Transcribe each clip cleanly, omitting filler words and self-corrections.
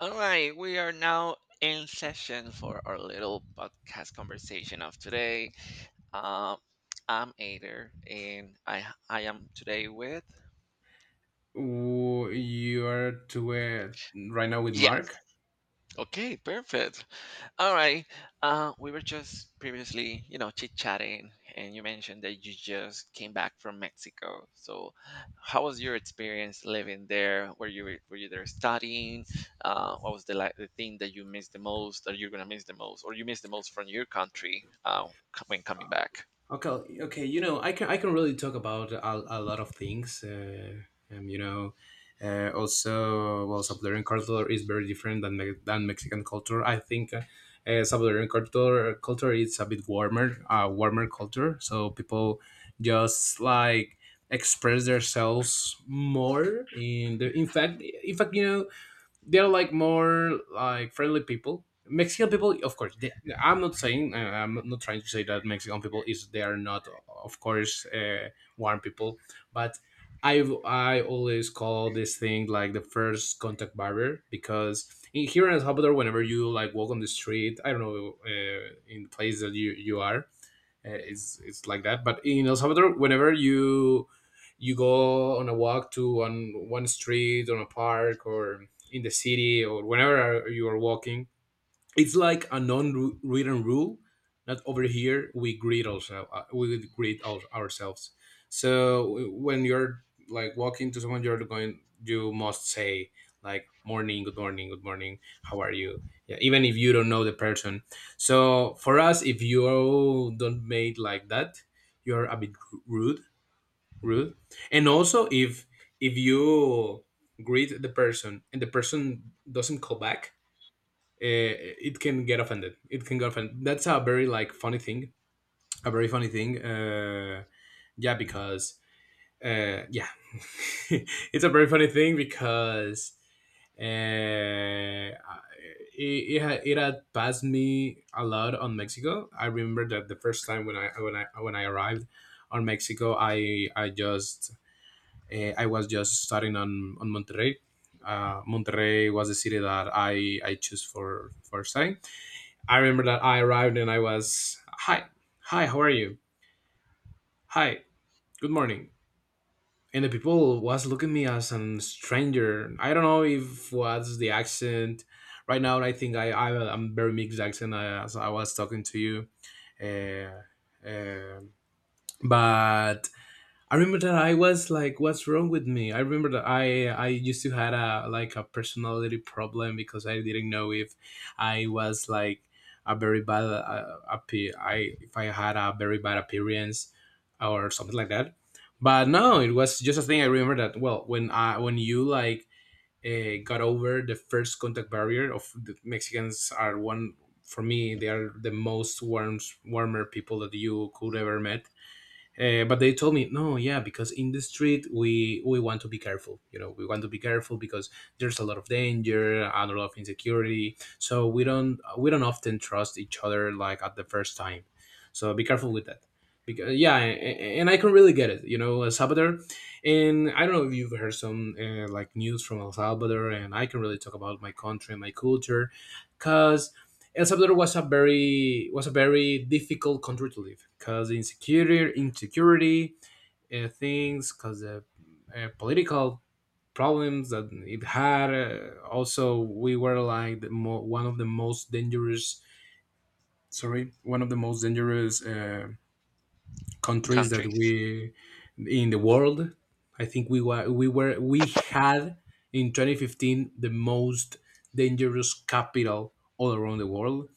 All right, we are now in session for our little podcast conversation of today. Uh, I'm Ader, and I am today with Ooh, you are to Right now with yeah. Mark. Okay, perfect. All right. We were just previously, chit chatting, and you mentioned that you just came back from Mexico. So, how was your experience living there? Were you there studying? What was the thing that you missed the most, that you're gonna miss the most, or you missed the most from your country when coming back? Okay. You know, I can really talk about a lot of things. Um, you know, Also, well, Salvadoran culture is very different than than Mexican culture. I think Salvadoran culture is a bit warmer, warmer culture. So people just like express themselves more in the in fact you know they're like more like friendly people. Mexican people, of course. I'm not saying I'm not trying to say that Mexican people is they are not, of course, warm people. But I I always call this thing like the first contact barrier because in here in El Salvador, whenever you like walk on the street, I don't know in the place that you are, it's like that. But in El Salvador, whenever you go on a walk to on one street, on a park, or in the city, or whenever you are walking, it's like a non-written rule that over here we greet also, we greet ourselves. So when you're like walking to someone you're going you must say like morning, good morning, good morning, how are you? Yeah, even if you don't know the person. So for us if you don't make like that you're a bit rude rude. And also if you greet the person and the person doesn't call back, it can get offended. It can get offended. That's a very like funny thing. A very funny thing. Yeah, because uh, yeah, it's a very funny thing because uh, it, it had passed me a lot on Mexico. I remember that the first time when I arrived on Mexico, I just I was just starting on Monterrey. Monterrey was the city that I chose for staying. I remember that I arrived and I was hi, hi, how are you? Hi, good morning. And the people was looking at me as a stranger. I don't know if was the accent. Right now, I think I'm very mixed accent as I was talking to you. Uh, um but I remember that I was like, "What's wrong with me?" I remember that I used to had a like a personality problem because I didn't know if I was like a very bad appe- I if I had a very bad appearance or something like that. But no, it was just a thing. I remember that well when I when you like got over the first contact barrier of the Mexicans are one, for me they are the most warmer people that you could ever met. But they told me, no, yeah, because in the street we want to be careful. You know, we want to be careful because there's a lot of danger and a lot of insecurity. So we don't often trust each other like at the first time. So be careful with that. Because yeah, and I can really get it. You know, El Salvador, and I don't know if you've heard some like news from El Salvador, and I can really talk about my country and my culture, because El Salvador was a very difficult country to live because insecurity, insecurity things, because political problems that it had. Also, we were like one of the most dangerous. Sorry, one of the most dangerous countries that Countries. we in the world. I think we were we were we had in 2015 the most dangerous capital all around the world.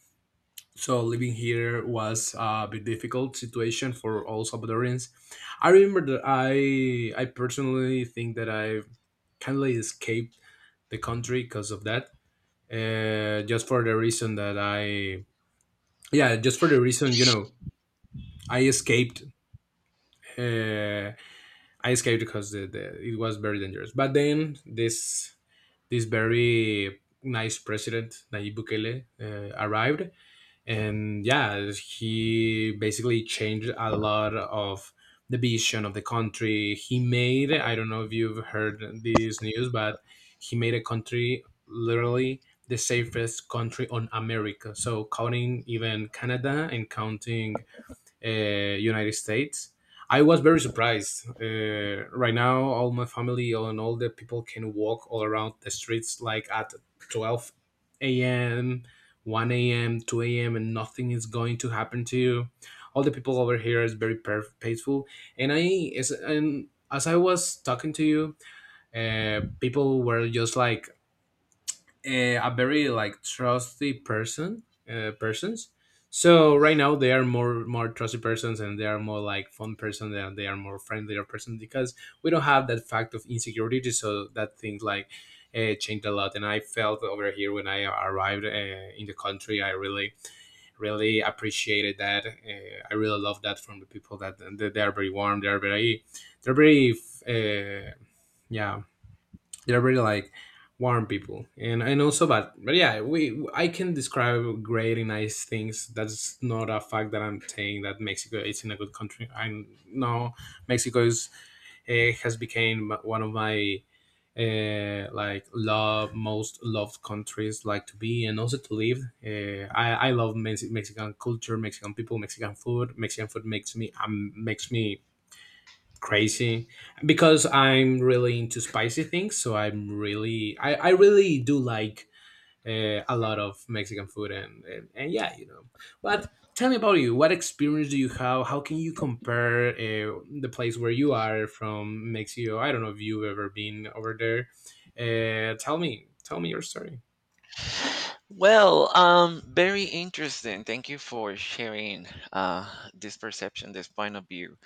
So living here was a bit difficult situation for all Salvadorians. I remember that I personally think that I kind of escaped the country because of that. Just for the reason that I, yeah, just for the reason, you know, I escaped. Uh, I escaped because it was very dangerous. But then this very nice president Nayib Bukele arrived, and yeah, he basically changed a lot of the vision of the country. He made, I don't know if you've heard this news, but he made a country literally the safest country on America, so counting even Canada and counting United States. I was very surprised. Right now, all my family and all the people can walk all around the streets like at 12 a.m., 1 a.m., 2 a.m., and nothing is going to happen to you. All the people over here is very peaceful. And and as I was talking to you, people were just like a very like trusty persons. So right now they are more trusty persons and they are more like fun person and they are more friendlier person because we don't have that fact of insecurity. So that things like changed a lot, and I felt over here when I arrived in the country I really appreciated that. I really love that from the people that they are very warm. They are very, uh, yeah, they're very like warm people. And and also but yeah, we, I can describe great nice things. That's not a fact that I'm saying that Mexico is in a good country. I know Mexico is, has become one of my like love most loved countries like to be and also to live. Uh, I love Mexican culture, Mexican people, Mexican food. Mexican food makes me, makes me crazy because I'm really into spicy things. So I'm really, I really do like a lot of Mexican food, and yeah, you know. But tell me about you. What experience do you have? How can you compare, the place where you are from, Mexico? I don't know if you've ever been over there. Uh, tell me, tell me your story. Well, very interesting. Thank you for sharing this perception, this point of view.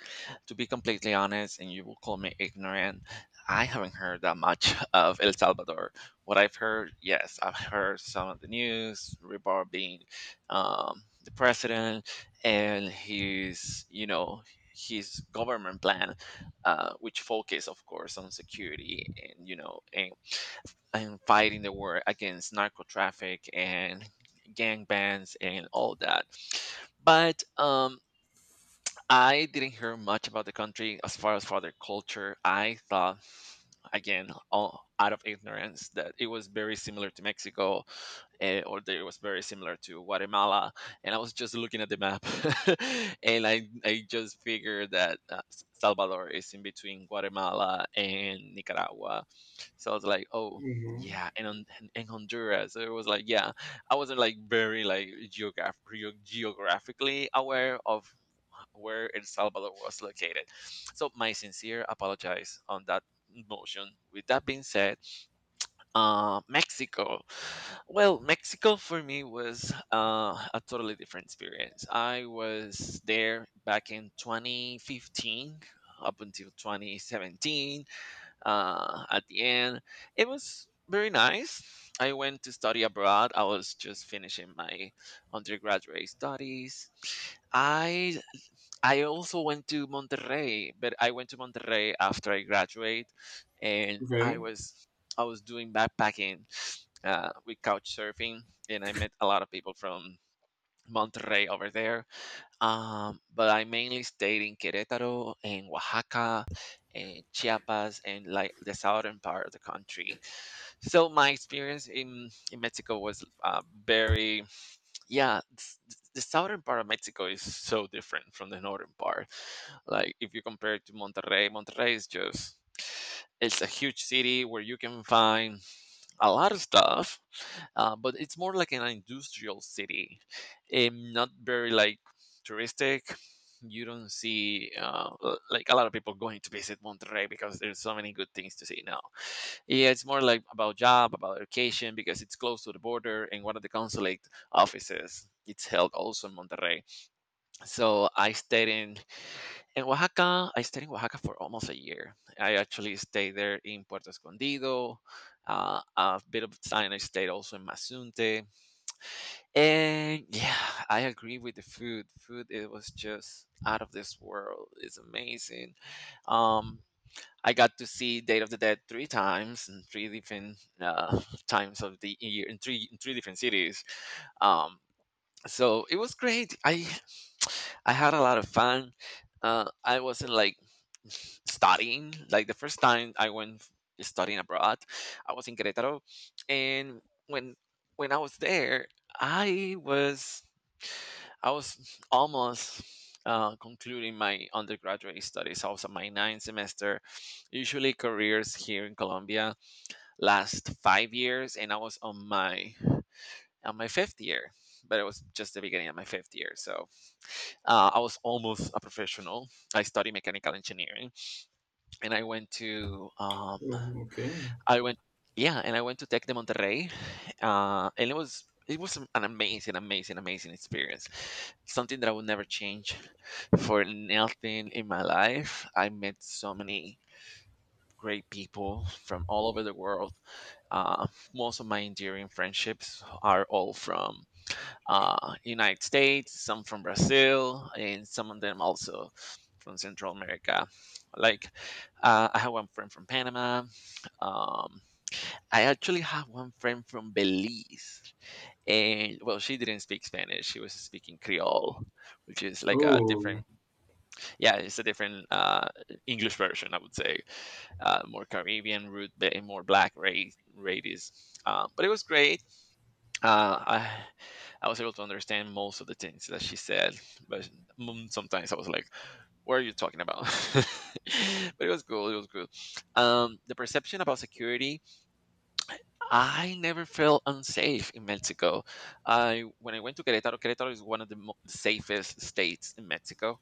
To be completely honest, and you will call me ignorant, I haven't heard that much of El Salvador. What I've heard, yes, I've heard some of the news, Rebar being the president and his, you know, his government plan, which focus, of course, on security and, you know, and fighting the war against narco traffic and gang bands and all that. But I didn't hear much about the country as far as for their culture. I thought, again, all out of ignorance, that it was very similar to Mexico, eh, or that it was very similar to Guatemala. And I was just looking at the map, and I just figured that Salvador is in between Guatemala and Nicaragua. So I was like, oh. Mhm. Yeah, and on and and Honduras, so it was like, yeah, I wasn't like very like geographically aware of where El Salvador was located. So my sincere apologies on that motion. With that being said, Mexico. Well, Mexico for me was a totally different experience. I was there back in 2015 up until 2017. At the end, it was very nice. I went to study abroad. I was just finishing my undergraduate studies. I I also went to Monterrey, but I went to Monterrey after I graduate, and Okay. I was doing backpacking with couch surfing, and I met a lot of people from Monterrey over there. But I mainly stayed in Querétaro and Oaxaca and Chiapas and like the southern part of the country. So my experience in Mexico was very yeah. The southern part of Mexico is so different from the northern part. Like if you compare it to Monterrey, Monterrey is just it's a huge city where you can find a lot of stuff, but it's more like an industrial city, not very like touristic. You don't see like a lot of people going to visit Monterrey because there's so many good things to see now. Yeah, it's more like about job, about education because it's close to the border, and one of the consulate offices, it's held also in Monterrey. So I stayed in Oaxaca, I stayed in Oaxaca for almost a year. I actually stayed there in Puerto Escondido. A bit of time I stayed also in Mazunte. And yeah, I agree with the food. Food, it was just out of this world. It's amazing. Um, I got to see Date of the Dead three times in three different times of the year in three different cities. Um, so it was great. I I had a lot of fun. I wasn't like studying. Like the first time I went studying abroad, I was in Querétaro, and when when I was there, i was I was almost concluding my undergraduate studies. So, I was on my ninth semester. Usually careers here in Colombia last 5 years, and I was on my fifth year, but it was just the beginning of my fifth year. So I was almost a professional. I studied mechanical engineering, and I went to Oh, okay. I went yeah, and I went to Tec de Monterrey, and it was an amazing, amazing, amazing experience. Something that I would never change for nothing in my life. I met so many great people from all over the world. Uh, Most of my enduring friendships are all from United States, some from Brazil, and some of them also from Central America. Like I have one friend from Panama. Um, I actually have one friend from Belize, and well, she didn't speak Spanish. She was speaking Creole, which is like a Oh, different, yeah, it's a different English version, I would say, more Caribbean root, more black race, race. But it was great. uh, I I was able to understand most of the things that she said, but mm, sometimes I was like, "What are you talking about?" But it was cool. It was cool. The perception about security, I never felt unsafe in Mexico. I when I went to Querétaro, Querétaro is one of the safest states in Mexico.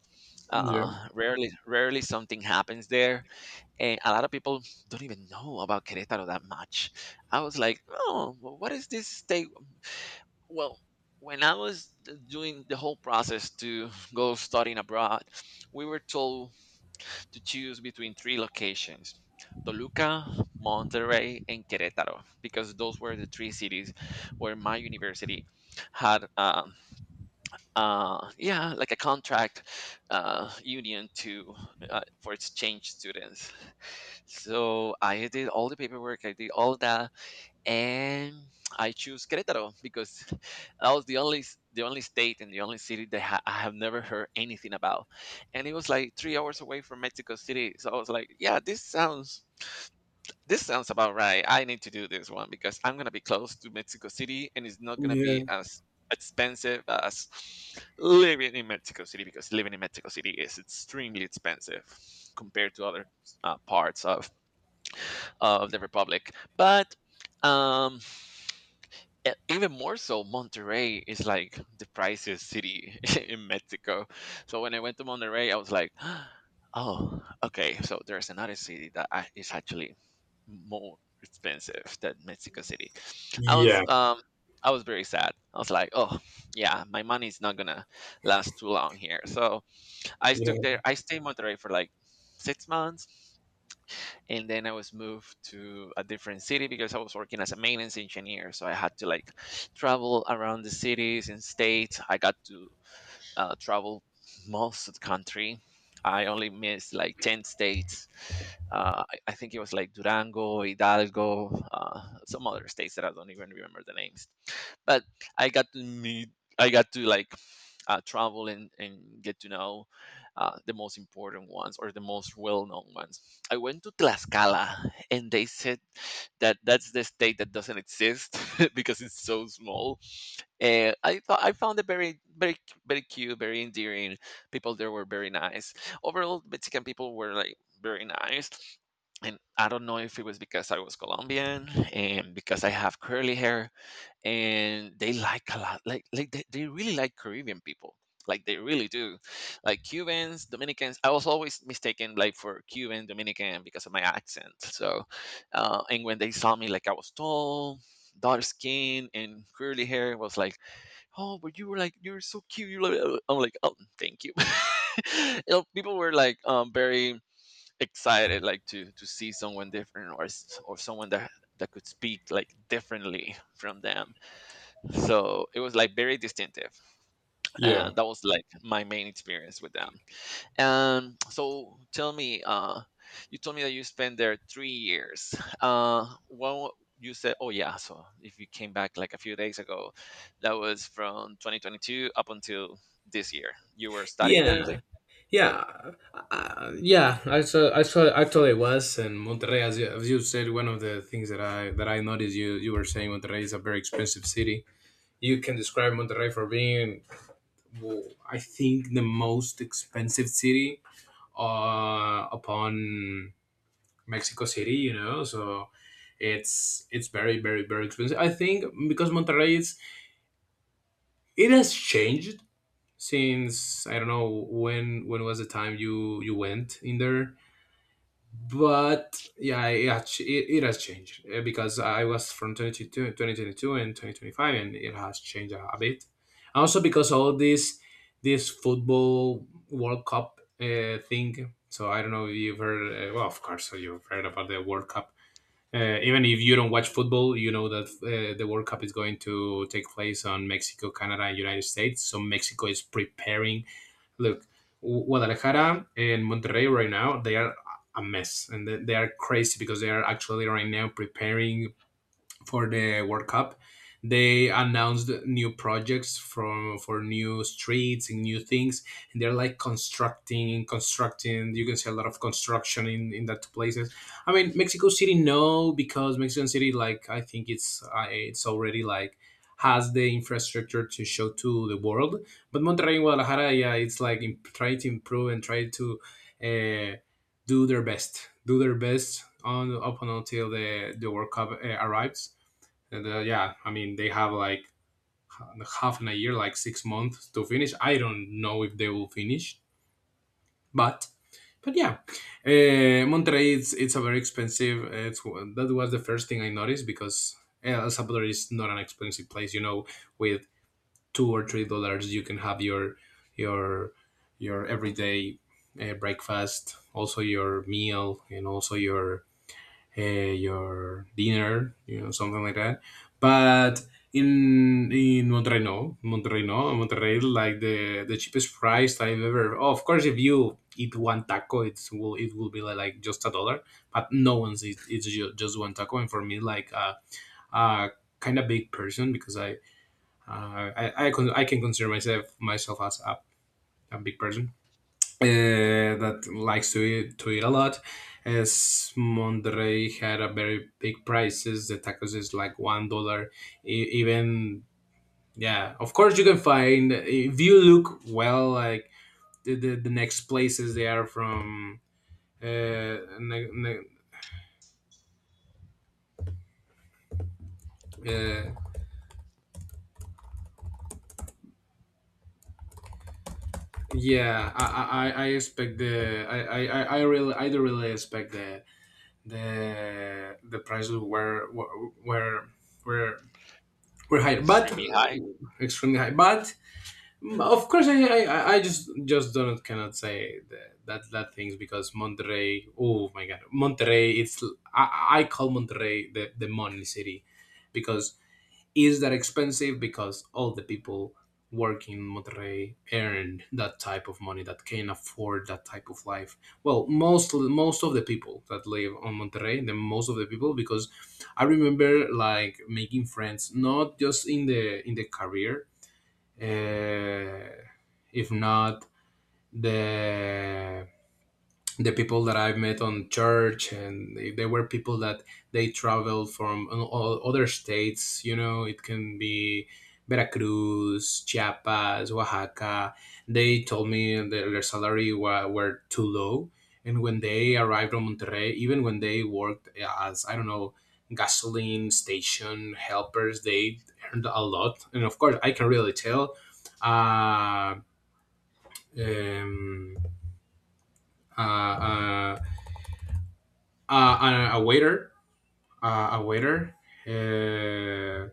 yeah. Rarely, rarely something happens there, and a lot of people don't even know about Querétaro that much. I was like, "Oh, what is this state?" Well, when I was doing the whole process to go studying abroad, we were told to choose between three locations: Toluca, Monterrey, and Querétaro, because those were the three cities where my university had, yeah, like a contract union to for exchange students. So I did all the paperwork, I did all that, and I choose Querétaro because that was the only state and the only city that I have never heard anything about, and it was like 3 hours away from Mexico City. So I was like, yeah, this sounds about right. I need to do this one because I'm gonna be close to Mexico City, and it's not gonna be Yeah. as expensive as living in Mexico City, because living in Mexico City is extremely expensive compared to other parts of the republic, but. Um, even more so, Monterrey is like the priciest city in Mexico. So when I went to Monterrey, I was like, oh, okay. So there's another city that is actually more expensive than Mexico City. I was um I was very sad. I was like, oh yeah, my money is not gonna last too long here. So I Yeah. stuck there. I stayed in Monterrey for like 6 months, and then I was moved to a different city because I was working as a maintenance engineer. So I had to like travel around the cities and states. I got to travel most of the country. I only missed like 10 states. I think it was like Durango, Hidalgo, some other states that I don't even remember the names. But I got to meet, I got to like travel and get to know the most important ones or the most well-known ones. I went to Tlaxcala and they said that that's the state that doesn't exist because it's so small. And I thought I found it very, very, very cute, very endearing. People there were very nice. Overall, Mexican people were like very nice. And I don't know if it was because I was Colombian and because I have curly hair, and they like a lot like they really like Caribbean people. Like they really do, like Cubans, Dominicans. I was always mistaken like for Cuban, Dominican because of my accent. So and when they saw me, like I was tall, dark skin and curly hair, was like, "Oh, but you were like, you're so cute, you look like." I'm like, "Oh, thank you." You know, people were like very excited like to see someone different or or someone that that could speak like differently from them. So it was like very distinctive, and that was like my main experience with them. And so tell me, you told me that you spent there 3 years. When you said, oh, yeah, so if you came back like a few days ago, that was from 2022 up until this year, you were studying there, is Yeah. it? Yeah, yeah. I saw. Actually, it was and Monterrey, as as you said, one of the things that I noticed you were saying, Monterrey is a very expensive city. You can describe Monterrey for being, well, I think, the most expensive city, upon Mexico City. You know, so it's very very expensive. I think because Monterrey is, it has changed since I don't know when was the time you went in there. But yeah, it has changed because I was from 2022 and 2025, and it has changed a bit, also because all this this football world cup thing. So I don't know if you've heard, well, of course, so you've heard about the World Cup, even if you don't watch football, you know that the World Cup is going to take place on Mexico, Canada, and United States. So Mexico is preparing. Look, Guadalajara and Monterrey right now, they are a mess, and they are crazy because they are actually right now preparing for the World Cup. They announced new projects from for new streets and new things, and they're like constructing, constructing. You can see a lot of construction in that places. I mean, Mexico City, no, because Mexican City, like I think it's, it's already like has the infrastructure to show to the world. But Monterrey and Guadalajara, yeah, it's like try to improve and try to, uh, do their best on up until the World Cup arrives. And yeah, I mean, they have like half in a year, like 6 months to finish. I don't know if they will finish, but yeah, Monterrey, it's a very expensive. It's that was the first thing I noticed because El Salvador is not an expensive place. You know, with $2 or $3 you can have your your everyday breakfast, also your meal, and also your, uh, your dinner, you know, something like that. But in Monterrey, no, Monterrey, no, Monterrey, like the cheapest price I've ever. Oh, of course, if you eat one taco, it's will it will be like just a dollar. But no one's eat, just one taco, and for me, like a uh, kind of big person because I, I can consider myself as a big person uh, that likes to eat a lot. As Monterrey had a very big prices, the tacos is like $1. Even yeah, of course you can find if you look well, like the next places they are from. Uh, ne- ne- uh, yeah, I expect the I do really expect the the prices were were higher, but Extremely high. extremely high. But of course, I just don't cannot say that things because Monterrey. Oh my God, Monterrey! It's I call Monterrey the money city because is that expensive because all the people working in Monterrey earn that type of money that can afford that type of life. Well, most of the people that live on Monterrey, the most of the people, because I remember, like, making friends not just in the career, uh, if not the people that I've met on church, and they were people that they traveled from other states. It can be Veracruz, Chiapas, Oaxaca. They told me that their salary were too low, and when they arrived on Monterrey, even when they worked as, I don't know, gasoline station helpers, they earned a lot. And of course, I can really tell. Uh, um, uh, uh, Uh, a, a waiter, uh, a waiter, uh,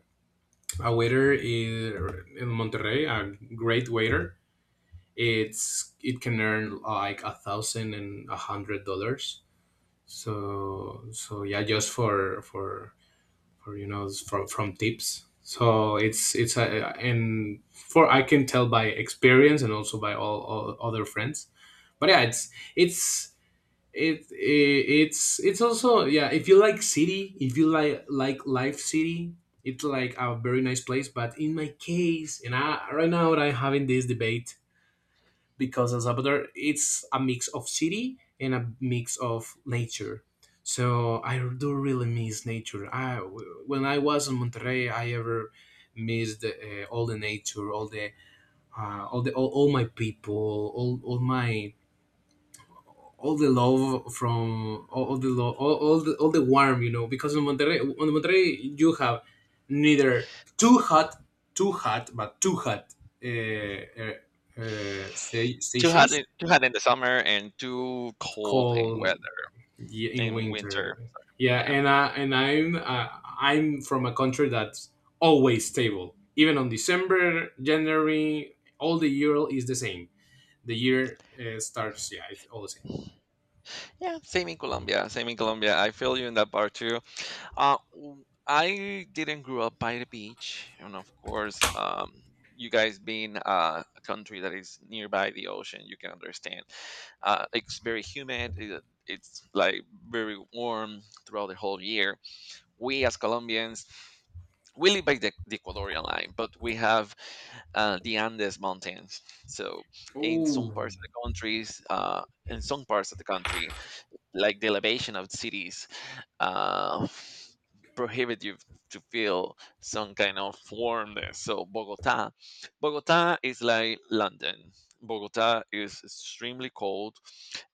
a waiter in, Monterrey, a great waiter. It can earn like a thousand and a hundred dollars. So, yeah, just for from tips. So it's a and for I can tell by experience and also by all other friends. But yeah, it's it, it it's also if you like city, if you like life city, it's like a very nice place, but in my case, right now I'm having this debate. Because as Salvador it's a mix of city and a mix of nature, so I do really miss nature I When I was in Monterrey I ever missed all the nature, all the all the, all my people, all the love from, all the love, all the warm, because in Monterrey, you have neither too hot, but too hot Too hot stations. in- too hot in the summer and too cold in Cold, weather, in in winter. winter, sorry. Yeah, Yeah. and I and I'm I'm from a country that's always stable, even on December, January. All the year is the same, the year starts, yeah, it's all the same. Yeah, same in Colombia. Same in Colombia. I feel you in that part too. I didn't grow up by the beach, and of course, you guys being a country that is nearby the ocean, you can understand. It's very humid. It's like very warm throughout the whole year. We as Colombians, we live by the Ecuadorian line, but we have the Andes Mountains. So in some Oh, parts of in some parts of the country, like the elevation of cities uh, prohibit you to feel some kind of warmness. So Bogota, Bogota is like London. Bogota is extremely cold.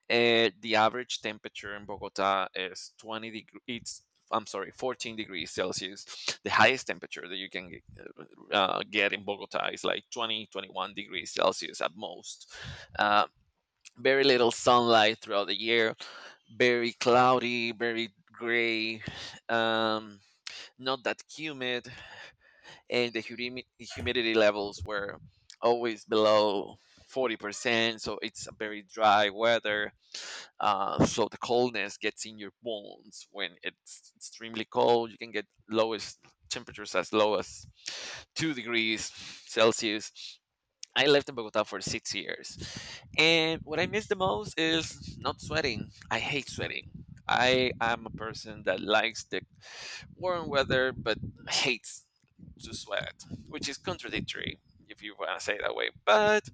The average temperature in Bogota is 20 degrees. It's I'm sorry, 14 degrees Celsius. The highest temperature that you can get in Bogota is like 21 degrees Celsius at most. Uh, very little sunlight throughout the year, very cloudy, very gray, um, not that humid, and the humidity levels were always below 40%. So it's a very dry weather. So the coldness gets in your bones when it's extremely cold. You can get lowest temperatures as low as 2 degrees Celsius. I lived in Bogota for 6 years. And what I miss the most is not sweating. I hate sweating. I am a person that likes the warm weather but hates to sweat, which is contradictory if you want to say it that way. But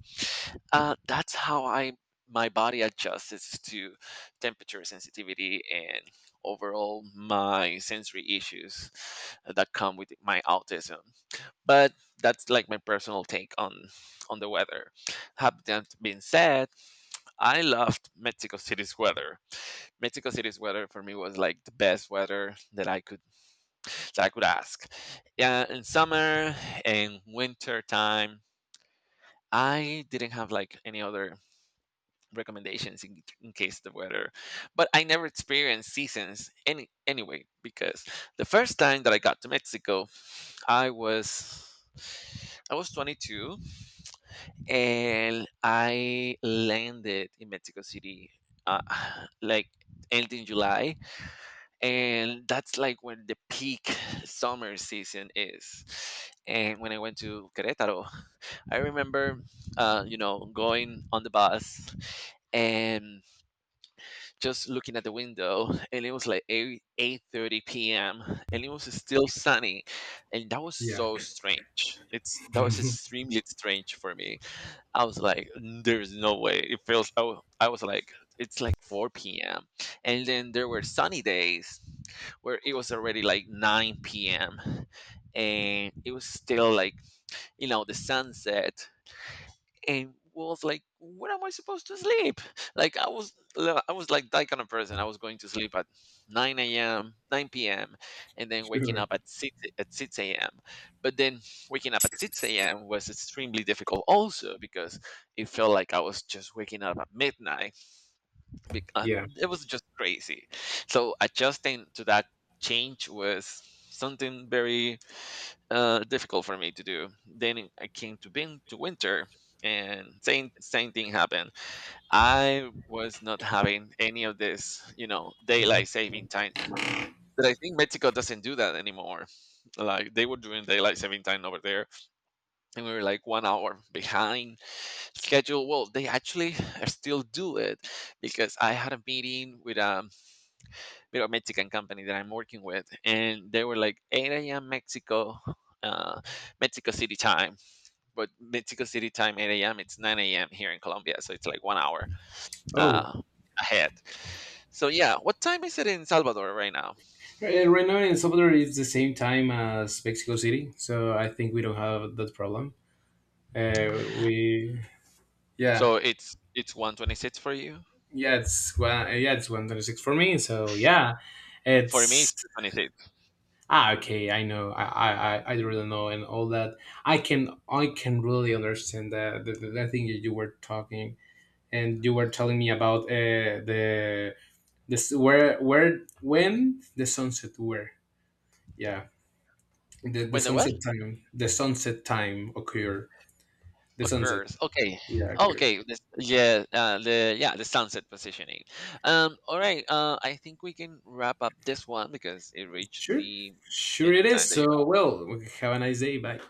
that's how I my body adjusts to temperature sensitivity and overall my sensory issues that come with my autism, but that's like my personal take on the weather. Have that being said, I loved Mexico City's weather. Mexico City's weather for me was like the best weather that I could ask. Yeah, in summer and winter time I didn't have like any other recommendations in case the weather. But I never experienced seasons anyway because the first time that I got to Mexico i was I was 22, and I landed in Mexico City, uh, like end in July, and that's like when the peak summer season is. And when I went to Querétaro, I remember, going on the bus and just looking at the window, and it was like 8 8:30 p.m. and it was still sunny. And that was yeah. so strange it's that was extremely strange for me. I was like, there's no way. It feels, I wa- I was like, it's like 4 p.m. And then there were sunny days where it was already like 9 p.m. And it was still like, you know, the sunset. And was like, "When am I supposed to sleep?" Like I was like that kind of person. I was going to sleep at nine a.m., nine p.m., and then waking Sure. up at six a.m. But then waking up at six a.m. was extremely difficult, also because it felt like I was just waking up at midnight. Bec- and Yeah. It was just crazy. So adjusting to that change was something very difficult for me to do. Then I came to bin to winter, and same thing happened. I was not having any of this, you know, daylight saving time. But I think Mexico doesn't do that anymore. Like they were doing daylight saving time over there, and we were like 1 hour behind schedule. Well, they actually still do it because I had a meeting with a Mexican company that I'm working with, and they were like 8 a.m. Mexico. Uh, Mexico City time, but Mexico City time 8 a.m. It's 9 a.m. here in Colombia, so it's like 1 hour Oh. uh, ahead. So yeah, what time is it in Salvador right now? Right, and right now in El Salvador it's the same time as Mexico City, so I think we don't have that problem. Uh, we, yeah, So it's 1:26 for you. yeah, it's 1:36 for me. So yeah, For me, it's it's 2:26. ah okay. I know. I really know and all that. I can really understand that the, thing that you were talking, and you were telling me about the this where when the sunset were. Yeah. The When the what sunset time. The sunset time occurred. The sunset. occurs? Okay, Yeah, oh, occurred. okay. The sunset positioning. All right. I think we can wrap up this one because it reached Sure. the Sure minute it time is. that you So, well, have a nice day. Bye.